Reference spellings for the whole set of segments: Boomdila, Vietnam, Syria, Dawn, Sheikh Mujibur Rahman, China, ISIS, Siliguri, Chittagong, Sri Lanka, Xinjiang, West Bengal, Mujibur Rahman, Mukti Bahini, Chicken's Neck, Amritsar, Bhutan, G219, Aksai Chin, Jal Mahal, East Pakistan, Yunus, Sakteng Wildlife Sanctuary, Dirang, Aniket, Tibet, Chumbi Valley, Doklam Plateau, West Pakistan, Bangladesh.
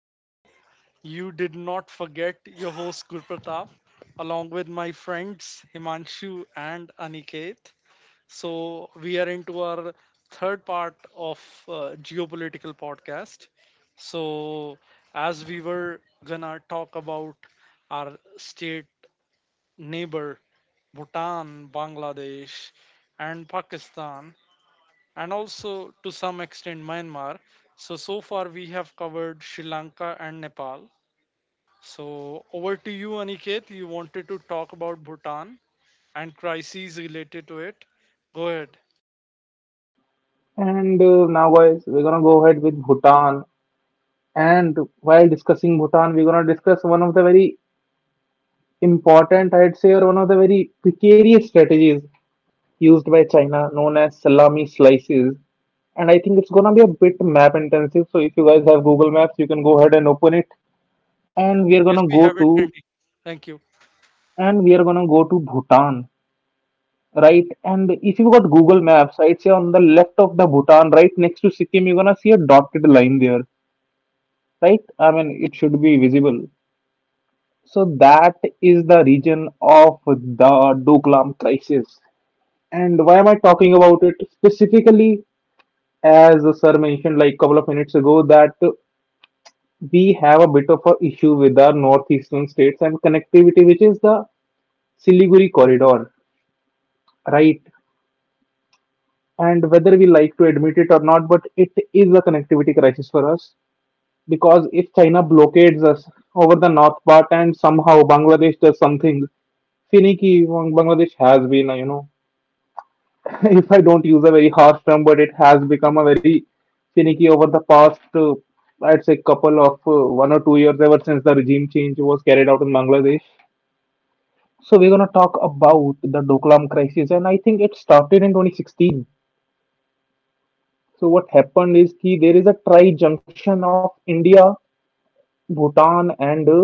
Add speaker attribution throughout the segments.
Speaker 1: I hope you did not forget your host Gurpratap, along with my friends Himanshu and Aniket. So we are into our third part of uh, geopolitical podcast. So as we were gonna talk about our state neighbor, Bhutan, Bangladesh, and Pakistan and also to some extent Myanmar. So, so far we have covered Sri Lanka and Nepal. So, over to you, Aniket. You wanted to talk about Bhutan and crises related to it. Go ahead.
Speaker 2: And now, guys, we're gonna go ahead with Bhutan. And while discussing Bhutan, we're gonna discuss one of the very important, I'd say, or one of the very precarious strategies used by China, known as salami slices. And I think it's gonna be a bit map intensive. So if you guys have Google Maps, you can go ahead and open it. And we are
Speaker 1: Yes,
Speaker 2: gonna
Speaker 1: we
Speaker 2: go
Speaker 1: have it
Speaker 2: to
Speaker 1: handy. Thank you.
Speaker 2: and we are gonna go to Bhutan, right? And if you got Google Maps, I'd say on the left of the Bhutan, right next to Sikkim, you're gonna see a dotted line there, right? I mean, it should be visible. So that is the region of the Doklam crisis. And why am I talking about it specifically? As the sir mentioned like couple of minutes ago, that we have a bit of a issue with our northeastern states and connectivity, which is the Siliguri corridor, right? And whether we like to admit it or not, but it is a connectivity crisis for us because if China blockades us over the north part and somehow Bangladesh does something finicky, Bangladesh has been, if I don't use a very harsh term, but it has become a very finicky over the past, I'd say, couple of 1 or 2 years ever since the regime change was carried out in Bangladesh. So we're gonna talk about the Doklam crisis, and I think it started in 2016. So what happened is that there is a tri junction of India, Bhutan, and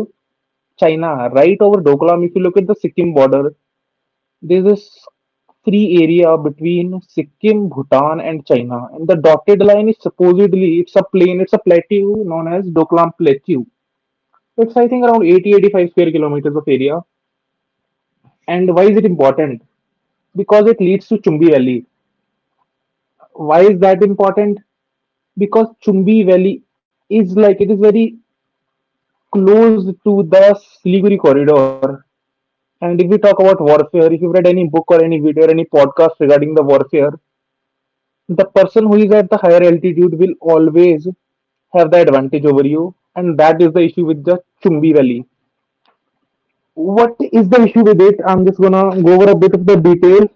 Speaker 2: China, right over Doklam. If you look at the Sikkim border, there's this free area between Sikkim, Bhutan, and China. And the dotted line is supposedly it's a plain, it's a plateau known as Doklam Plateau. It's I think around 80-85 square kilometers of area. And why is it important? Because it leads to Chumbi Valley. Why is that important? Because Chumbi Valley is like it is very close to the Siliguri corridor. And if we talk about warfare, if you've read any book or any video or any podcast regarding the warfare, the person who is at the higher altitude will always have the advantage over you, and that is the issue with the Chumbi Valley. What is the issue with it? I'm just gonna go over a bit of the detail.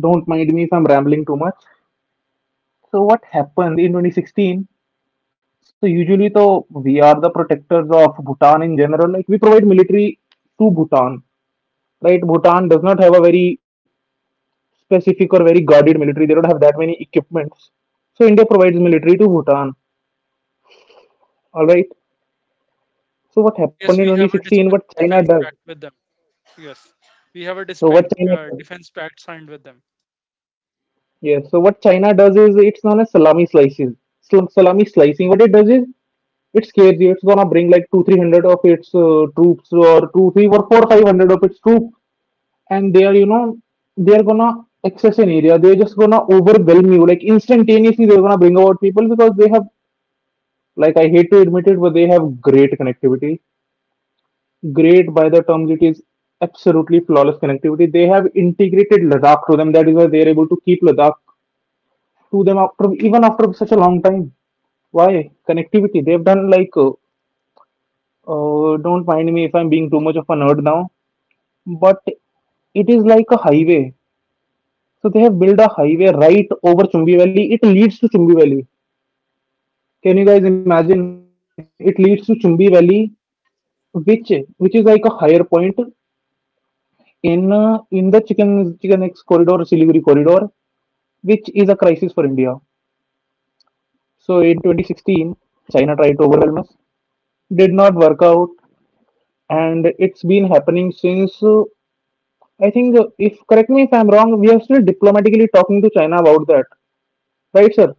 Speaker 2: Don't mind me if I'm rambling too much. So what happened in 2016? So usually, though, we are the protectors of Bhutan in general. Like we provide military to Bhutan, right? Bhutan does not have a very specific or very guarded military. They don't have that many equipments. So India provides military to Bhutan. All right. So what happened
Speaker 1: Yes,
Speaker 2: in
Speaker 1: we have a
Speaker 2: 2016? What China
Speaker 1: defense
Speaker 2: does?
Speaker 1: pact with them. Yes, we have a
Speaker 2: So what China does?
Speaker 1: defense pact signed with them.
Speaker 2: Yes. So what China does is it's known as salami slices. Salami slicing. What it does is it scares you. It's gonna bring like two, 300 of its troops, or two, three, or four, 500 of its troops, and they are, you know, they are gonna access an area. They're just gonna overwhelm you. Like instantaneously, they're gonna bring about people because they have. Like I hate to admit it, but they have great connectivity. Great by the terms it is absolutely flawless connectivity. They have integrated Ladakh to them. That is why they are able to keep Ladakh to them after even after such a long time. Why connectivity? They've done like don't mind me if I'm being too much of a nerd now, but it is like a highway. So they have built a highway right over Chumbi Valley. It leads to Chumbi Valley. Can you guys imagine? It leads to Chumbi Valley, which which is like a higher point in the chicken X corridor, Siliguri corridor, which is a crisis for India. So in 2016, China tried to overwhelm us, did not work out, and it's been happening since. I think, if correct me if I'm wrong, we are still diplomatically talking to China about that, right, sir?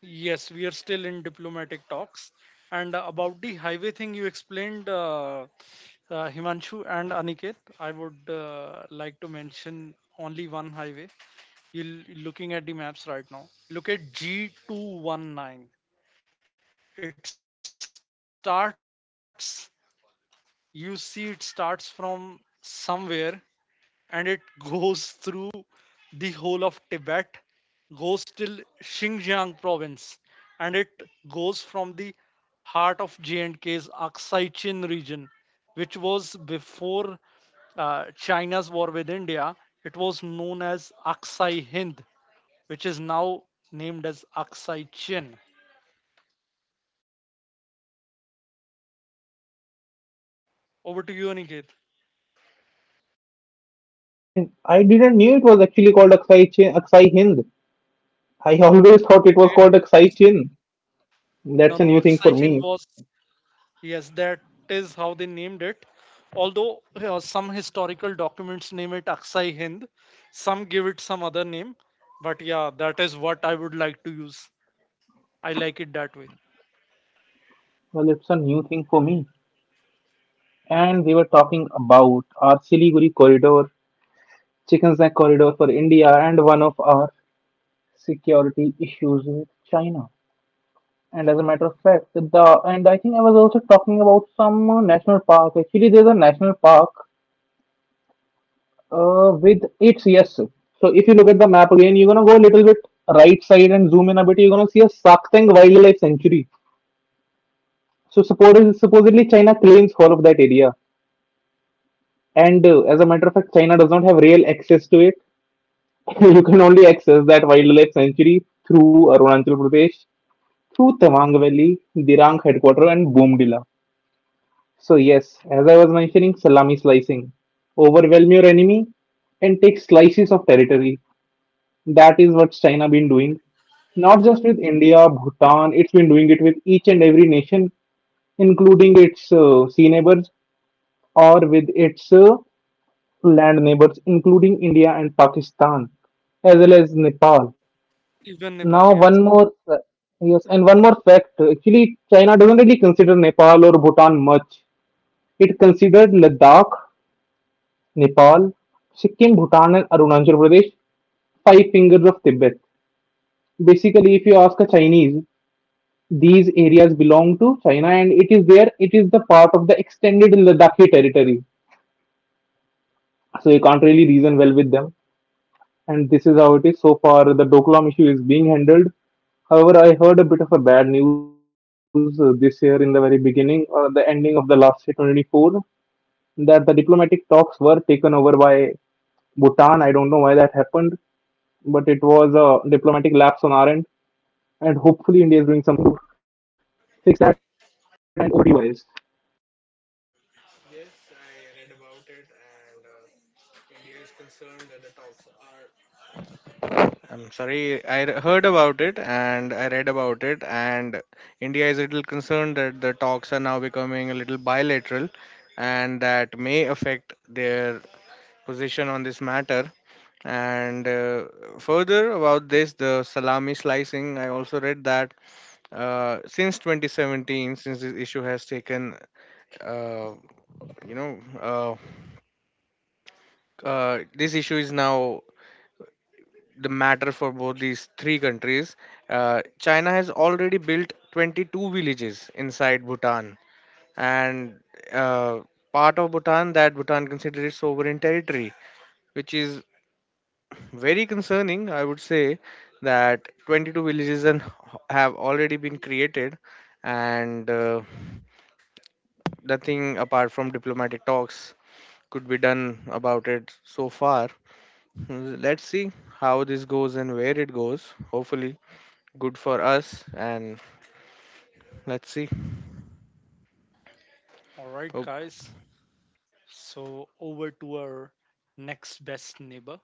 Speaker 1: Yes, we are still in diplomatic talks. And about the highway thing you explained, Himanshu and Aniket, I would like to mention only one highway. You're looking at the maps right now. Look at G219. It starts, you see, it starts from somewhere and it goes through the whole of Tibet, goes till Xinjiang province, and it goes from the heart of J&K's Aksai Chin region, which was before China's war with India. It was known as Aksai Hind, which is now named as Aksai Chin. Over to you, Aniket.
Speaker 2: I mean, I didn't knew it was actually called Aksai Chin, Aksai Hind. I always thought it was called
Speaker 1: It, it
Speaker 2: Aksai
Speaker 1: was
Speaker 2: Chin. That's a
Speaker 1: no,
Speaker 2: new
Speaker 1: no.
Speaker 2: thing for
Speaker 1: Aksai
Speaker 2: me.
Speaker 1: Chin was yes, that is how they named it. Although some historical documents name it Aksai Hind, some give it some other name. But yeah, that is what I would like to use. I like it that way.
Speaker 2: Well, it's a new thing for me. And we were talking about our Siliguri corridor, Chicken's corridor for India, and one of our security issues with China. And as a matter of fact, the and I think I was also talking about some national park. Actually, there's a national park with its, yes. So if you look at the map again, you're gonna go a little bit right side and zoom in a bit. You're gonna see a Saktang Wildlife Sanctuary. So supposedly China claims all of that area, and as a matter of fact, China does not have real access to it. You can only access that wildlife sanctuary through Arunachal Pradesh to Tawang Valley, Dirang Headquarters, and Boomdila. So, yes, as I was mentioning, salami slicing. Overwhelm your enemy and take slices of territory. That is what China been doing. Not just with India, Bhutan, it's been doing it with each and every nation, including its sea neighbors or with its land neighbors, including India and Pakistan, as well as Nepal.
Speaker 1: Even Nepal,
Speaker 2: Now,
Speaker 1: yes.
Speaker 2: one more, yes, and one more fact. Actually, China doesn't really consider Nepal or Bhutan much. It considered Ladakh, Nepal, Sikkim, Bhutan, and Arunachal Pradesh five fingers of Tibet. Basically, if you ask a Chinese, these areas belong to China, and it is there. It is the part of the extended Ladakhi territory, so you can't really reason well with them. And this is how it is so far. The Doklam issue is being handled. However, I heard a bit of a bad news this year in the very beginning or the ending of the last year 2024 that the diplomatic talks were taken over by Bhutan. I don't know why that happened, but it was a diplomatic lapse on our end, and hopefully India is doing something to fix that and OD wise.
Speaker 3: Yes, I read about it, and India is concerned that the talks are. I'm sorry, I r- heard about it and I read about it, and India is a little concerned that the talks are now becoming a little bilateral and that may affect their position on this matter. And Further about this, the salami slicing, I also read that since 2017, since this issue has taken, uh, you know, uh, this issue is now the matter for both these three countries. China has already built 22 villages inside Bhutan, and uh, part of Bhutan that Bhutan considers sovereign territory, which is very concerning. I would say that 22 villages and have already been created, and nothing apart from diplomatic talks could be done about it so far. Let's see how this goes and where it goes. Hopefully, good for us and let's see.
Speaker 1: All right,
Speaker 3: oh,
Speaker 1: guys. So, over to our next best neighbor,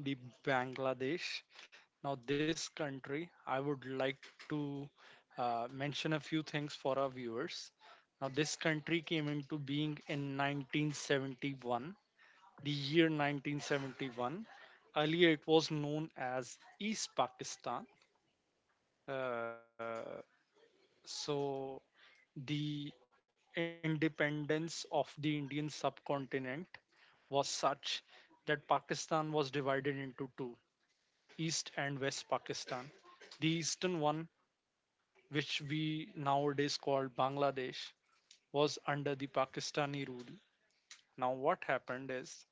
Speaker 1: the Bangladesh. Now, this country, I would like to mention a few things for our viewers. Now, this country came into being in 1971, the year 1971. Earlier, it was known as East Pakistan. Uh, so, the independence of the Indian subcontinent was such that Pakistan was divided into two East and West Pakistan. The eastern one, which we nowadays call Bangladesh, was under the Pakistani rule. Now, what happened is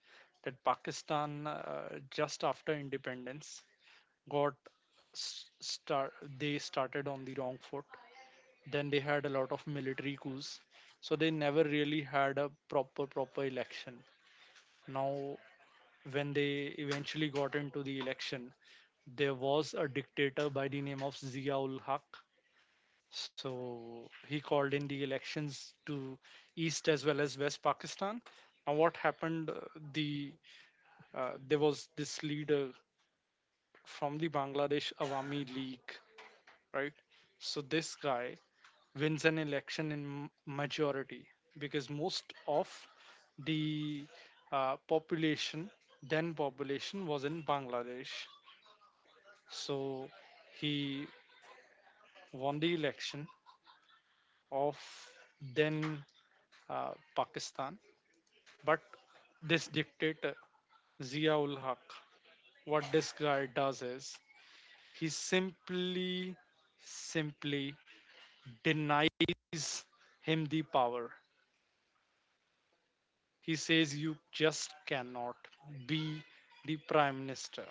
Speaker 1: that Pakistan, just after independence, got s- start, they started on the wrong foot. Then they had a lot of military coups. So they never really had a proper election. Now when they eventually got into the election, there was a dictator by the name of Ziaul Haq. So he called in the elections to East as well as West Pakistan. Now, what happened? The there was this leader from the Bangladesh Awami League, right? So this guy wins an election in majority because most of the population, then population, was in Bangladesh. So he won the election of then uh, Pakistan. But this dictator, Ziaul Haq, what this guy does is he simply denies him the power. He says, "You just cannot be the prime minister."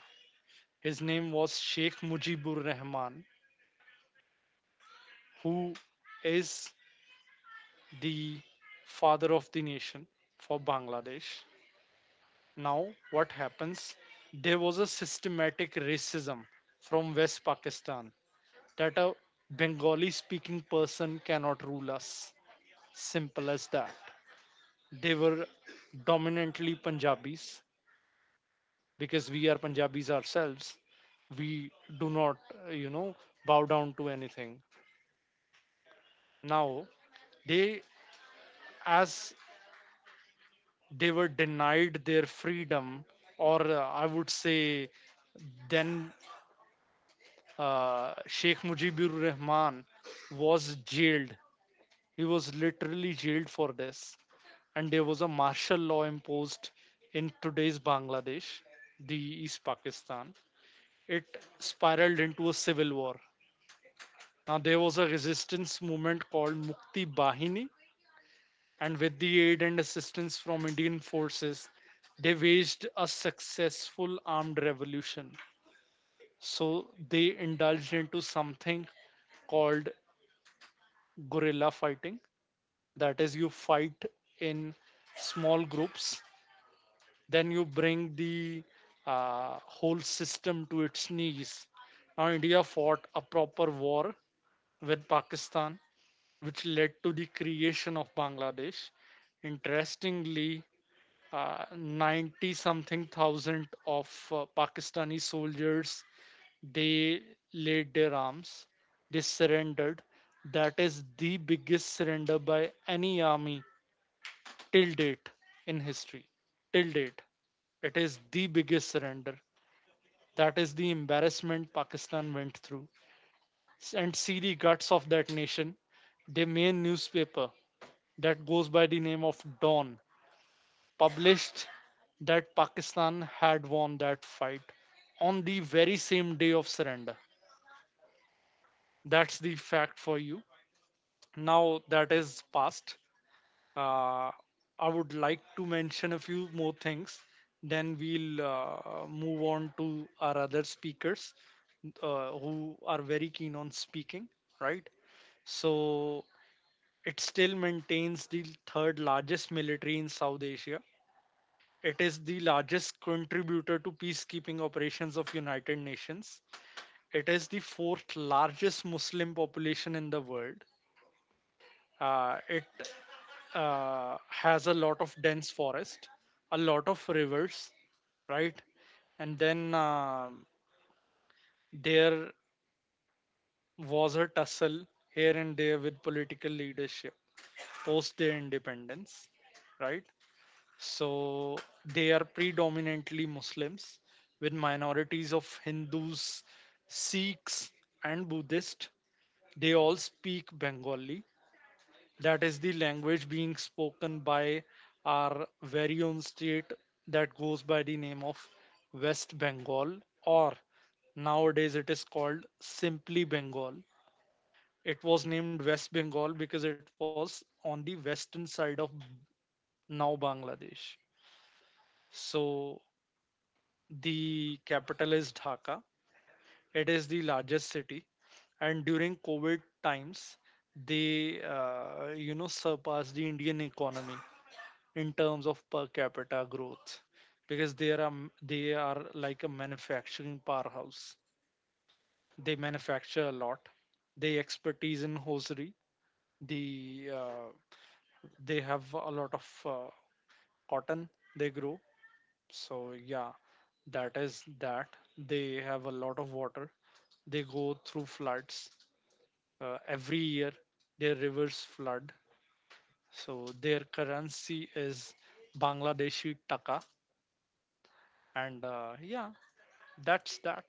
Speaker 1: His name was Sheikh Mujibur Rahman, who is the father of the nation for Bangladesh. Now, what happens? There was a systematic racism from West Pakistan that a Bengali speaking person cannot rule us. Simple as that. They were dominantly Punjabis because we are Punjabis ourselves. We do not, you know, bow down to anything. Now, they, as they were denied their freedom, or I would say, then Sheikh Mujibur Rahman was jailed. He was literally jailed for this. And there was a martial law imposed in today's Bangladesh, the East Pakistan. It spiraled into a civil war. Now, there was a resistance movement called Mukti Bahini, and with the aid and assistance from Indian forces, they waged a successful armed revolution. So, they indulged into something called guerrilla fighting. That is, you fight in small groups, then you bring the whole system to its knees. Now, India fought a proper war with Pakistan which led to the creation of Bangladesh. Interestingly, 90 something thousand of Pakistani soldiers they laid their arms, they surrendered. That is the biggest surrender by any army till date in history. Till date, it is the biggest surrender. That is the embarrassment Pakistan went through. And see the guts of that nation. Their main newspaper that goes by the name of Dawn published that Pakistan had won that fight on the very same day of surrender. That's the fact for you. Now that is past. Uh, I would like to mention a few more things. Then we'll move on to our other speakers who are very keen on speaking, right? So it still maintains the third largest military in South Asia. It is the largest contributor to peacekeeping operations of United Nations. It is the fourth largest Muslim population in the world. It has a lot of dense forest, a lot of rivers, right? And then there was a tussle here and there with political leadership post their independence, right? So they are predominantly Muslims, with minorities of Hindus, Sikhs, and Buddhists. They all speak Bengali. That is the language being spoken by our very own state that goes by the name of West Bengal, or nowadays it is called simply Bengal. It was named West Bengal because it was on the western side of now Bangladesh. So the capital is Dhaka. It is the largest city, and during COVID times, they you know, surpassed the Indian economy in terms of per capita growth because they are like a manufacturing powerhouse. They manufacture a lot. They expertise in hosiery. The uh, they have a lot of cotton they grow. So yeah, that is that. They have a lot of water, they go through floods every year, their rivers flood. So their currency is Bangladeshi taka, and yeah, that's that.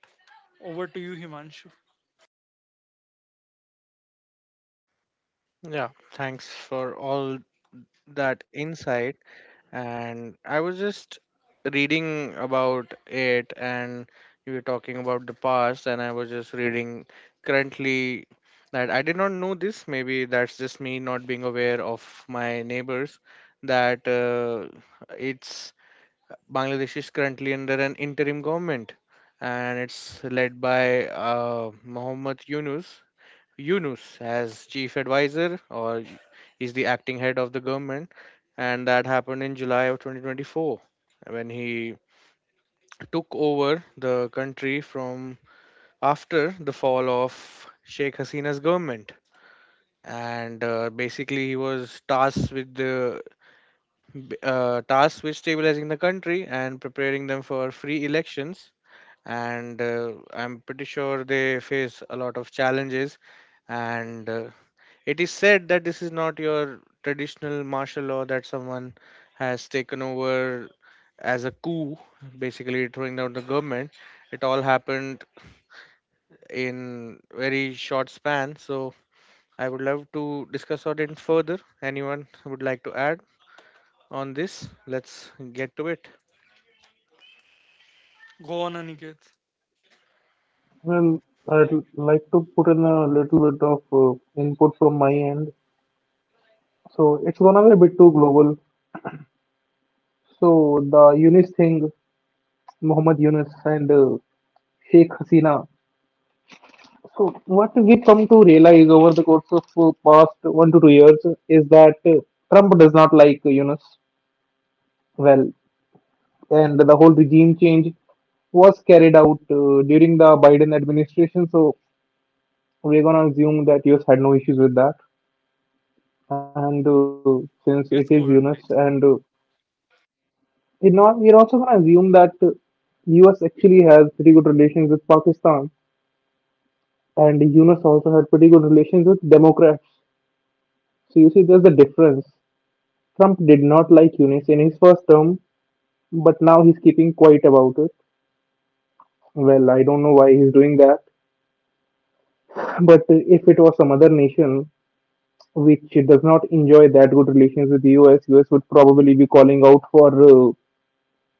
Speaker 1: Over to you, Himanshu.
Speaker 3: yeah, thanks for all that insight, and I was just reading about it, and you were talking about the past, and I was just reading currently that I did not know this. Maybe that's just me not being aware of my neighbors. That it's Bangladesh is currently under an interim government, and it's led by Muhammad Yunus. Yunus as chief advisor, or y- He's the acting head of the government, and that happened in July of 2024 when he took over the country from after the fall of Sheikh Hasina's government. And Basically, he was tasked with tasked with stabilizing the country and preparing them for free elections. And I'm pretty sure they face a lot of challenges, and it is said that this is not your traditional martial law that someone has taken over as a coup, basically throwing down the government. It all happened in very short span. So I would love to discuss on it further. Anyone would like to add on this? Let's get to it.
Speaker 1: Go on, Aniket.
Speaker 2: Well, I'd like to put in a little bit of input from my end. So it's gonna be a bit too global. So the UNIS thing, Muhammad Yunus and Sheikh Hasina. So, what we come to realize over the course of past 1 to 2 years is that Trump does not like Yunus, well, and the whole regime change was carried out during the Biden administration. So, we're gonna assume that US had no issues with that, and since it
Speaker 1: Yes, go
Speaker 2: is
Speaker 1: ahead, please.
Speaker 2: Yunus, and it not, we're also gonna assume that US actually has pretty good relations with Pakistan. And Yunus also had pretty good relations with Democrats. So you see, there's the difference. Trump did not like Yunus in his first term, but now he's keeping quiet about it. Well, I don't know why he's doing that. But if it was some other nation which does not enjoy that good relations with the US, US would probably be calling out for uh,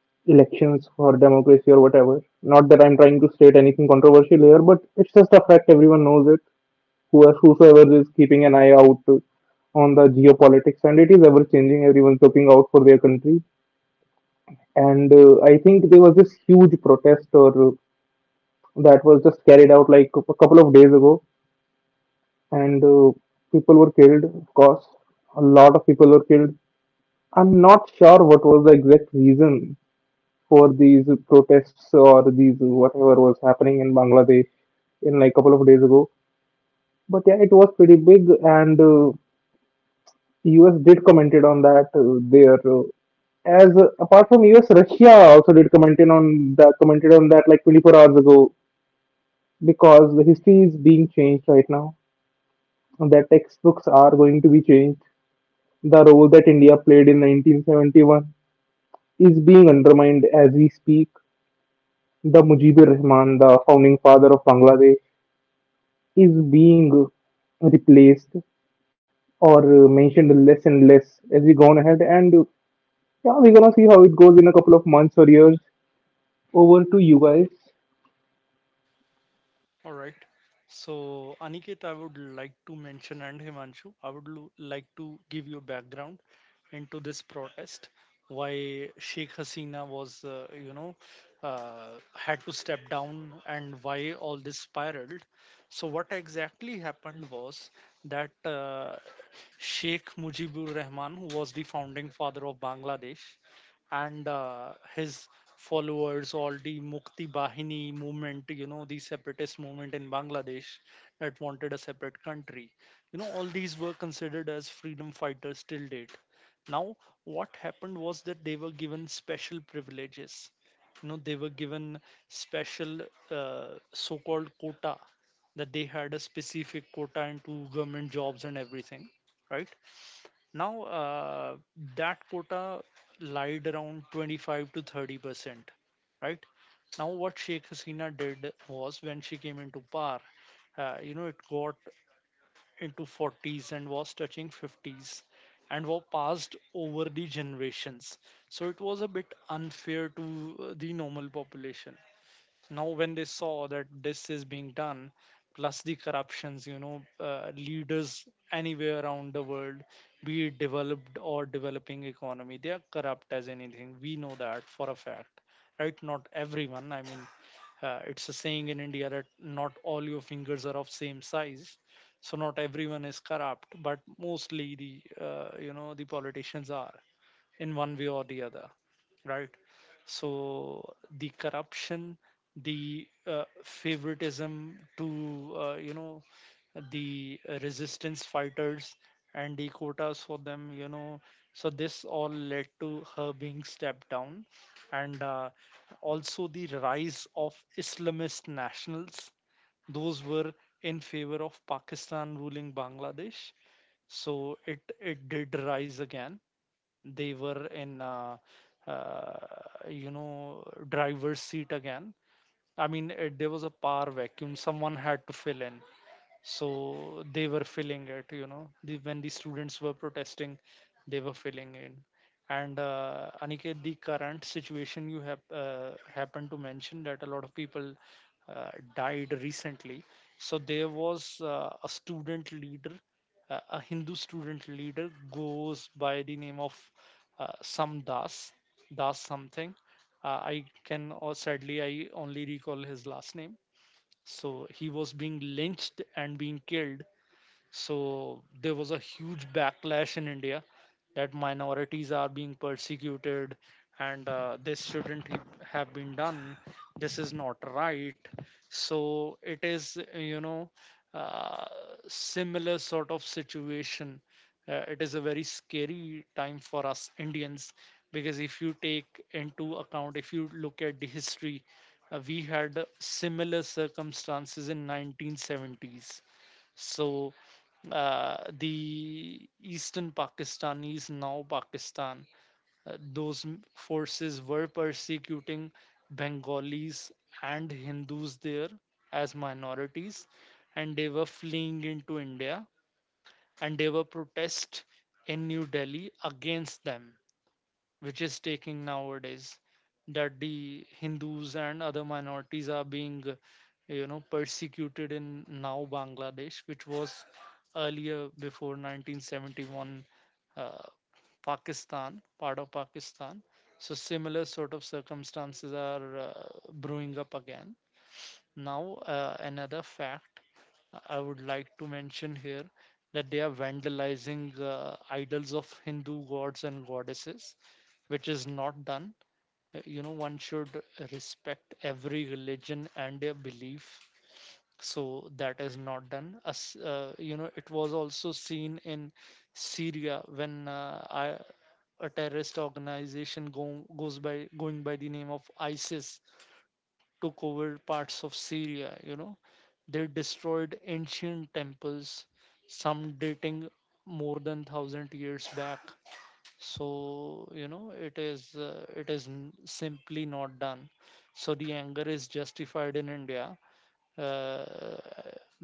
Speaker 2: elections for democracy or whatever. Not that I'm trying to state anything controversial here, but it's just a fact, everyone knows it. Who are- whosoever is keeping an eye out on the geopolitics, and it is ever changing. Everyone's looking out for their country, and I think there was this huge protest or that was just carried out like a couple of days ago, and people were killed. Of course, a lot of people were killed. I'm not sure what was the exact reason for these protests or these whatever was happening in Bangladesh in like a couple of days ago. But yeah, it was pretty big, and US did commented on that there. As apart from US, Russia also did commented on that like 24 hours ago because the history is being changed right now. The textbooks are going to be changed. The role that India played in 1971 is being undermined as we speak. The Mujibur Rahman, the founding father of Bangladesh, is being replaced or mentioned less and less as we go on ahead. And yeah, we're gonna see how it goes in a couple of months or years. Over to you guys.
Speaker 1: All right. So, Aniket, I would like to mention, and Himanshu, I would like to give you a background into this protest, why Sheikh Hasina was, you know, had to step down, and why all this spiraled. So, what exactly happened was that Sheikh Mujibur Rahman, who was the founding father of Bangladesh, and his followers, all the Mukti Bahini movement, you know, the separatist movement in Bangladesh that wanted a separate country, you know, all these were considered as freedom fighters till date. Now what happened was that they were given special privileges. You know, they were given special uh, so-called quota, that they had a specific quota into government jobs and everything, right? Now, that quota lied around 25 to 30%, right? Now, what Sheikh Hasina did was when she came into power, you know, it got into 40s and was touching 50s and was passed over the generations. So it was a bit unfair to the normal population. Now when they saw that this is being done, plus the corruptions, you know, leaders anywhere around the world, be it developed or developing economy, they are corrupt as anything. We know that for a fact, right? Not everyone, I mean, it's a saying in India that not all your fingers are of same size. So not everyone is corrupt, but mostly the, you know, the politicians are, in one way or the other, right? So the corruption, the favoritism to, you know, the resistance fighters and the quotas for them, you know. So this all led to her being stepped down, and also the rise of Islamist nationals. Those were in favor of Pakistan ruling Bangladesh. So it did rise again. They were in, uh, you know, driver's seat again. I mean, there was a power vacuum, someone had to fill in. So they were filling it, you know, the, when the students were protesting, they were filling in. And Aniket, the current situation you have happened to mention that a lot of people uh, died recently. So there was a student leader, a Hindu student leader, goes by the name of some Das, Das something. I can, or sadly I only recall his last name. So he was being lynched and being killed. So there was a huge backlash in India that minorities are being persecuted, and this shouldn't have been done. This is not right. So it is, you know, uh, similar sort of situation. It is a very scary time for us Indians because if you take into account, if you look at the history, we had similar circumstances in 1970s. So the eastern Pakistanis, now Pakistan, those forces were persecuting Bengalis and Hindus there as minorities, and they were fleeing into India and they were protest in New Delhi against them, which is taking nowadays, that the Hindus and other minorities are being persecuted in now Bangladesh, which was earlier, before 1971, uh, Pakistan, part of Pakistan. So similar sort of circumstances are brewing up again. Now another fact I would like to mention here, that they are vandalizing idols of Hindu gods and goddesses, which is not done. You know, one should respect every religion and their belief. So that is not done. As it was also seen in Syria when a terrorist organization goes by the name of ISIS took over parts of Syria. You know, they destroyed ancient temples, some dating more than thousand years back. So you know, simply not done. So the anger is justified in India, uh,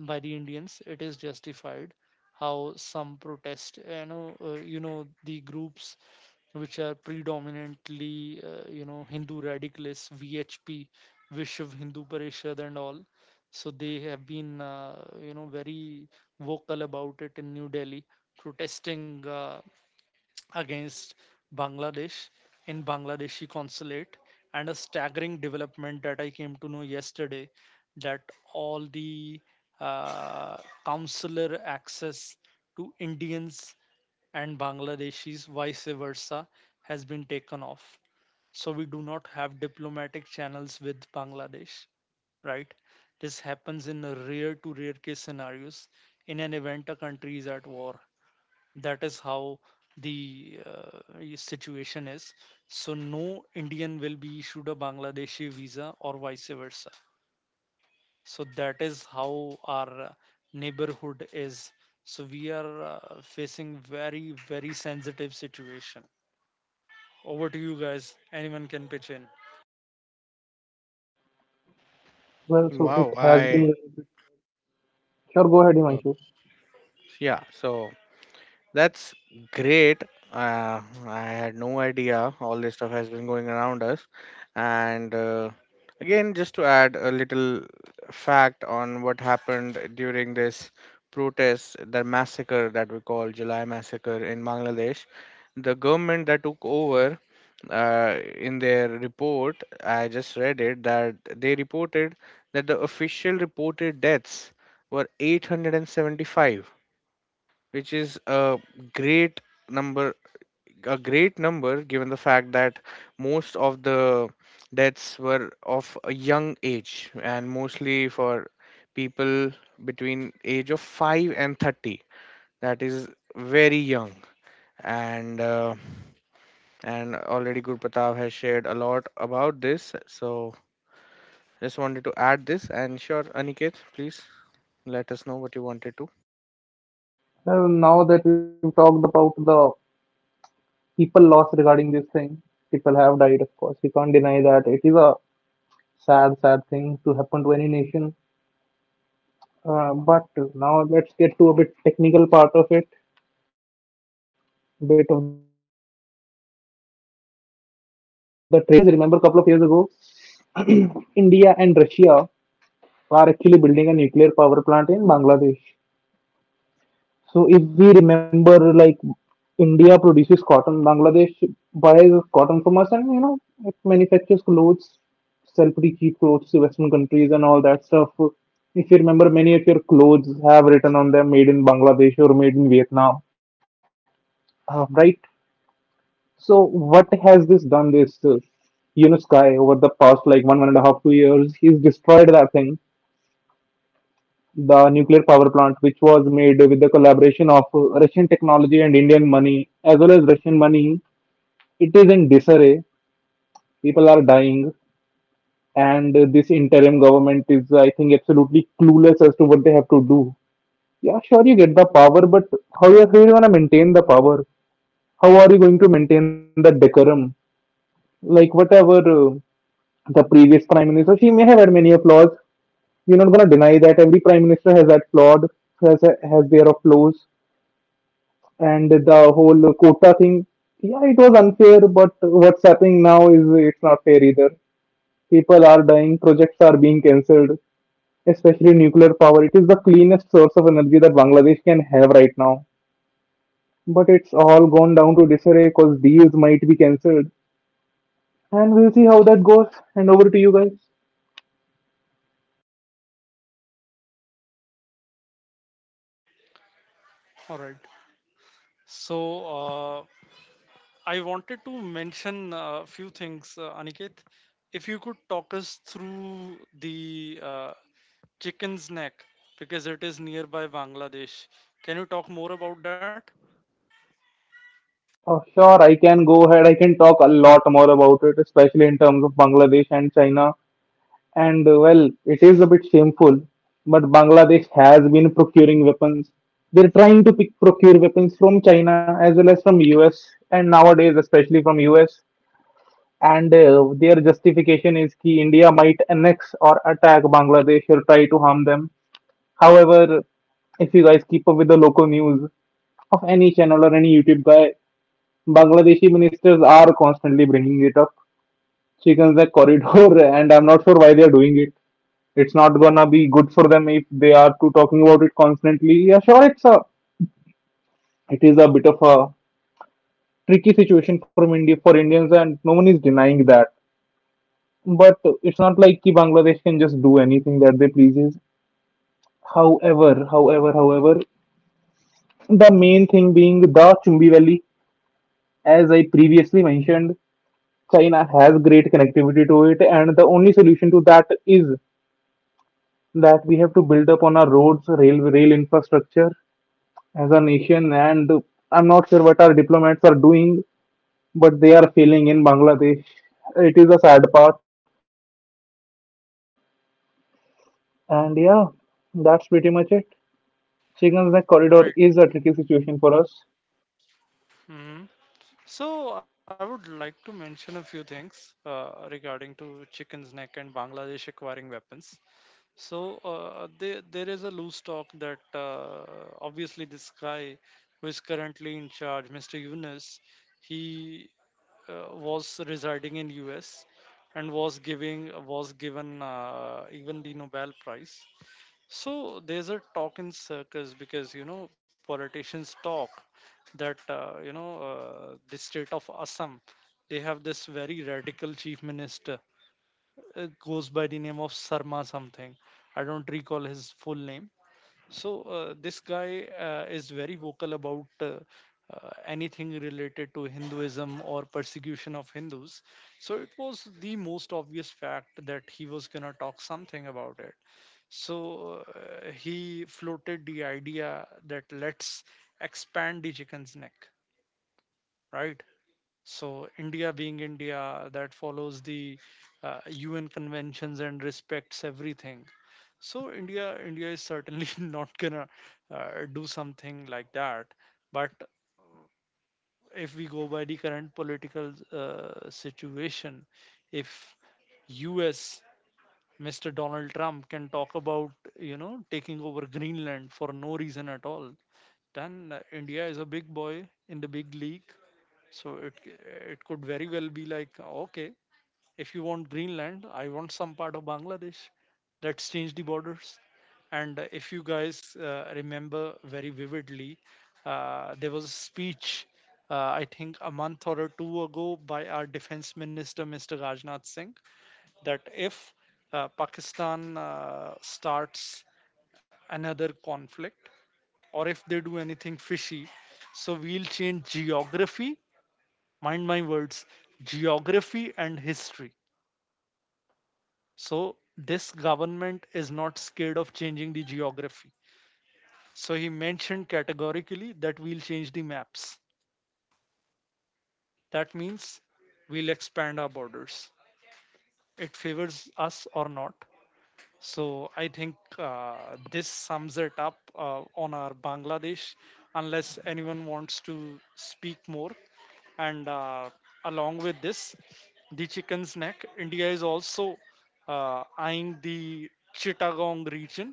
Speaker 1: by the Indians it is justified. How some protest, you know, the groups which are predominantly Hindu radicalists, VHP, Vishiv Hindu Parishad, and all, so they have been very vocal about it in New Delhi, protesting against Bangladesh in Bangladeshi consulate. And a staggering development that I came to know yesterday, that all the uh, consular access to Indians and Bangladeshis vice versa has been taken off. So we do not have diplomatic channels with Bangladesh, right? This happens in a rare to rare case scenarios, in an event a country is at war. That is how the situation is. So no Indian will be issued a Bangladeshi visa or vice versa. So that is how our neighborhood is. So we are facing very very sensitive situation. Over to you guys, anyone can pitch in.
Speaker 2: Well, so it
Speaker 3: Wow,
Speaker 2: has
Speaker 3: I
Speaker 2: been. Sure, go ahead,
Speaker 3: Oh,
Speaker 2: Himanshu.
Speaker 3: yeah. So That's Great. Uh, I had no idea all this stuff has been going around us. And Again, just to add a little fact on what happened during this protest, the massacre that we call July massacre in Bangladesh, the government that took over in their report, I just read it, that they reported that the official reported deaths were 875, which is a great number, a great number given the fact that most of the deaths were of a young age, and mostly for people between age of 5 and 30. That is very young. And and already Gurpatav has shared a lot about this, so just wanted to add this. And sure, Aniket, please let us know what you wanted to.
Speaker 2: Well, now that we've talked about the people lost regarding this thing, people have died, of course. We can't deny that. It is a sad, sad thing to happen to any nation. But now let's get to a bit technical part of it, a bit of the trade related part. Of it. So we talk about it. I think so if you guys remember a couple of years ago, India and Russia are actually building a nuclear power plant in Bangladesh. So if we remember, like India produces cotton, Bangladesh buys cotton from us, and you know it manufactures clothes, sell pretty cheap clothes to Western countries and all that stuff. If you remember, many of your clothes have written on them "Made in Bangladesh" or "Made in Vietnam," right? So what has this done? This Yunus sky over the past like one and a half 2 years, he's destroyed that thing, the nuclear power plant, which was made with the collaboration of Russian technology and Indian money, as well as Russian money. It is in disarray. People are dying, and this interim government is, I think, absolutely clueless as to what they have to do. Yeah, sure, you get the power, but how are you going to maintain the power? How are you going to maintain the decorum? Like, whatever the previous prime minister, she may have had many flaws. We're not going to deny that every prime minister has that flawed, has their flaws, and the whole quota thing, yeah, it was unfair, but what's happening now is it's not fair either. People are dying, projects are being cancelled, especially nuclear power. It is the cleanest source of energy that Bangladesh can have right now, but it's all gone down to disarray because deals might be cancelled, and we'll see how that goes. And over to you guys.
Speaker 1: All right. So uh, I wanted to mention a few things, Aniket, if you could talk us through the Chicken's Neck, because it is nearby Bangladesh. Can you talk more about that?
Speaker 2: Oh, sure, I can go ahead. I can talk a lot more about it, especially in terms of Bangladesh and China. And well, it is a bit shameful, but Bangladesh has been procuring weapons. They're trying to procure weapons from China as well as from US, and nowadays especially from US. And their justification is that India might annex or attack Bangladesh or try to harm them. However, if you guys keep up with the local news of any channel or any YouTube guy, Bangladeshi ministers are constantly bringing it up. Chickens the corridor, and I'm not sure why they are doing it. It's not gonna be good for them if they are to talking about it constantly. Yeah, sure, it is a bit of a tricky situation for India for Indians, and no one is denying that. But it's not like ki Bangladesh can just do anything that they pleases. However, the main thing being the Chumbi Valley, as I previously mentioned, China has great connectivity to it, and the only solution to that is that we have to build up on our roads, rail infrastructure, as a nation, and I'm not sure what our diplomats are doing, but they are failing in Bangladesh. It is a sad part, and yeah, that's pretty much it. Chicken's Neck Corridor is a tricky situation
Speaker 1: All
Speaker 2: for
Speaker 1: right.
Speaker 2: us,
Speaker 1: Mhm. So I would like to mention a few things regarding to Chicken's Neck and Bangladesh acquiring weapons. So there is a loose talk that obviously this guy, who is currently in charge, Mr. Yunus, he was residing in US and was given even the Nobel Prize. So there's a talk in circles, because you know, politicians talk, that the state of Assam, they have this very radical chief minister, goes by the name of Sarma something, I don't recall his full name. So this guy is very vocal about anything related to Hinduism or persecution of Hindus. So it was the most obvious fact that he was gonna talk something about it. So he floated the idea that let's expand the Chicken's Neck, right? So India being India, that follows the UN conventions and respects everything. So India is certainly not gonna do something like that. But if we go by the current political situation, if US Mr. Donald Trump can talk about, you know, taking over Greenland for no reason at all, then India is a big boy in the big league. So it could very well be like, okay, if you want Greenland, I want some part of Bangladesh. Let's change the borders. And if you guys remember very vividly, there was a speech, I think a month or two ago, by our defense minister, Mr. Rajnath Singh, that if Pakistan starts another conflict, or if they do anything fishy, so we'll change geography, mind my words, geography and history. So this government is not scared of changing the geography. So he mentioned categorically that we'll change the maps. That means we'll expand our borders. It favors us or not. So I think this sums it up on our Bangladesh, unless anyone wants to speak more. And along with this, the Chicken's Neck, India is also eyeing the Chittagong region.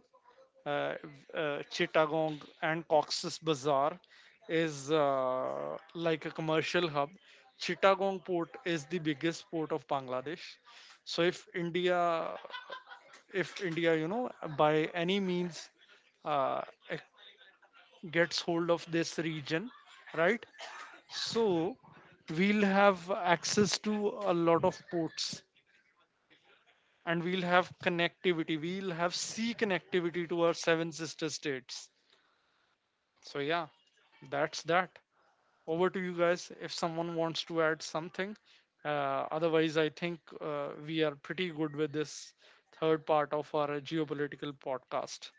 Speaker 1: Uh, Chittagong and Cox's Bazar is like a commercial hub. Chittagong port is the biggest port of Bangladesh. So if India, you know, by any means uh, ac- gets hold of this region, right? So we'll have access to a lot of ports, and we'll have connectivity. We'll have sea connectivity to our seven sister states. So, yeah, that's that. Over to you guys if someone wants to add something. Otherwise, I think we are pretty good with this third part of our geopolitical podcast.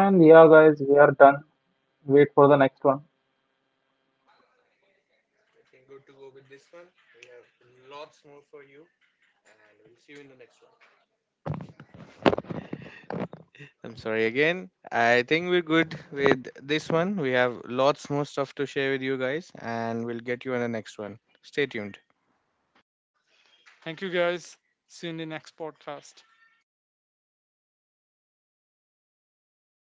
Speaker 2: and yeah, guys, we are done. Wait for the next one.
Speaker 3: You can good to go with this one we have lots more for you and we'll see you in the next one. I'm sorry again. I think we're good with this one. We have lots more stuff to share with you guys, and we'll get you in the next one. Stay tuned.
Speaker 1: Thank you guys. See you in the next podcast.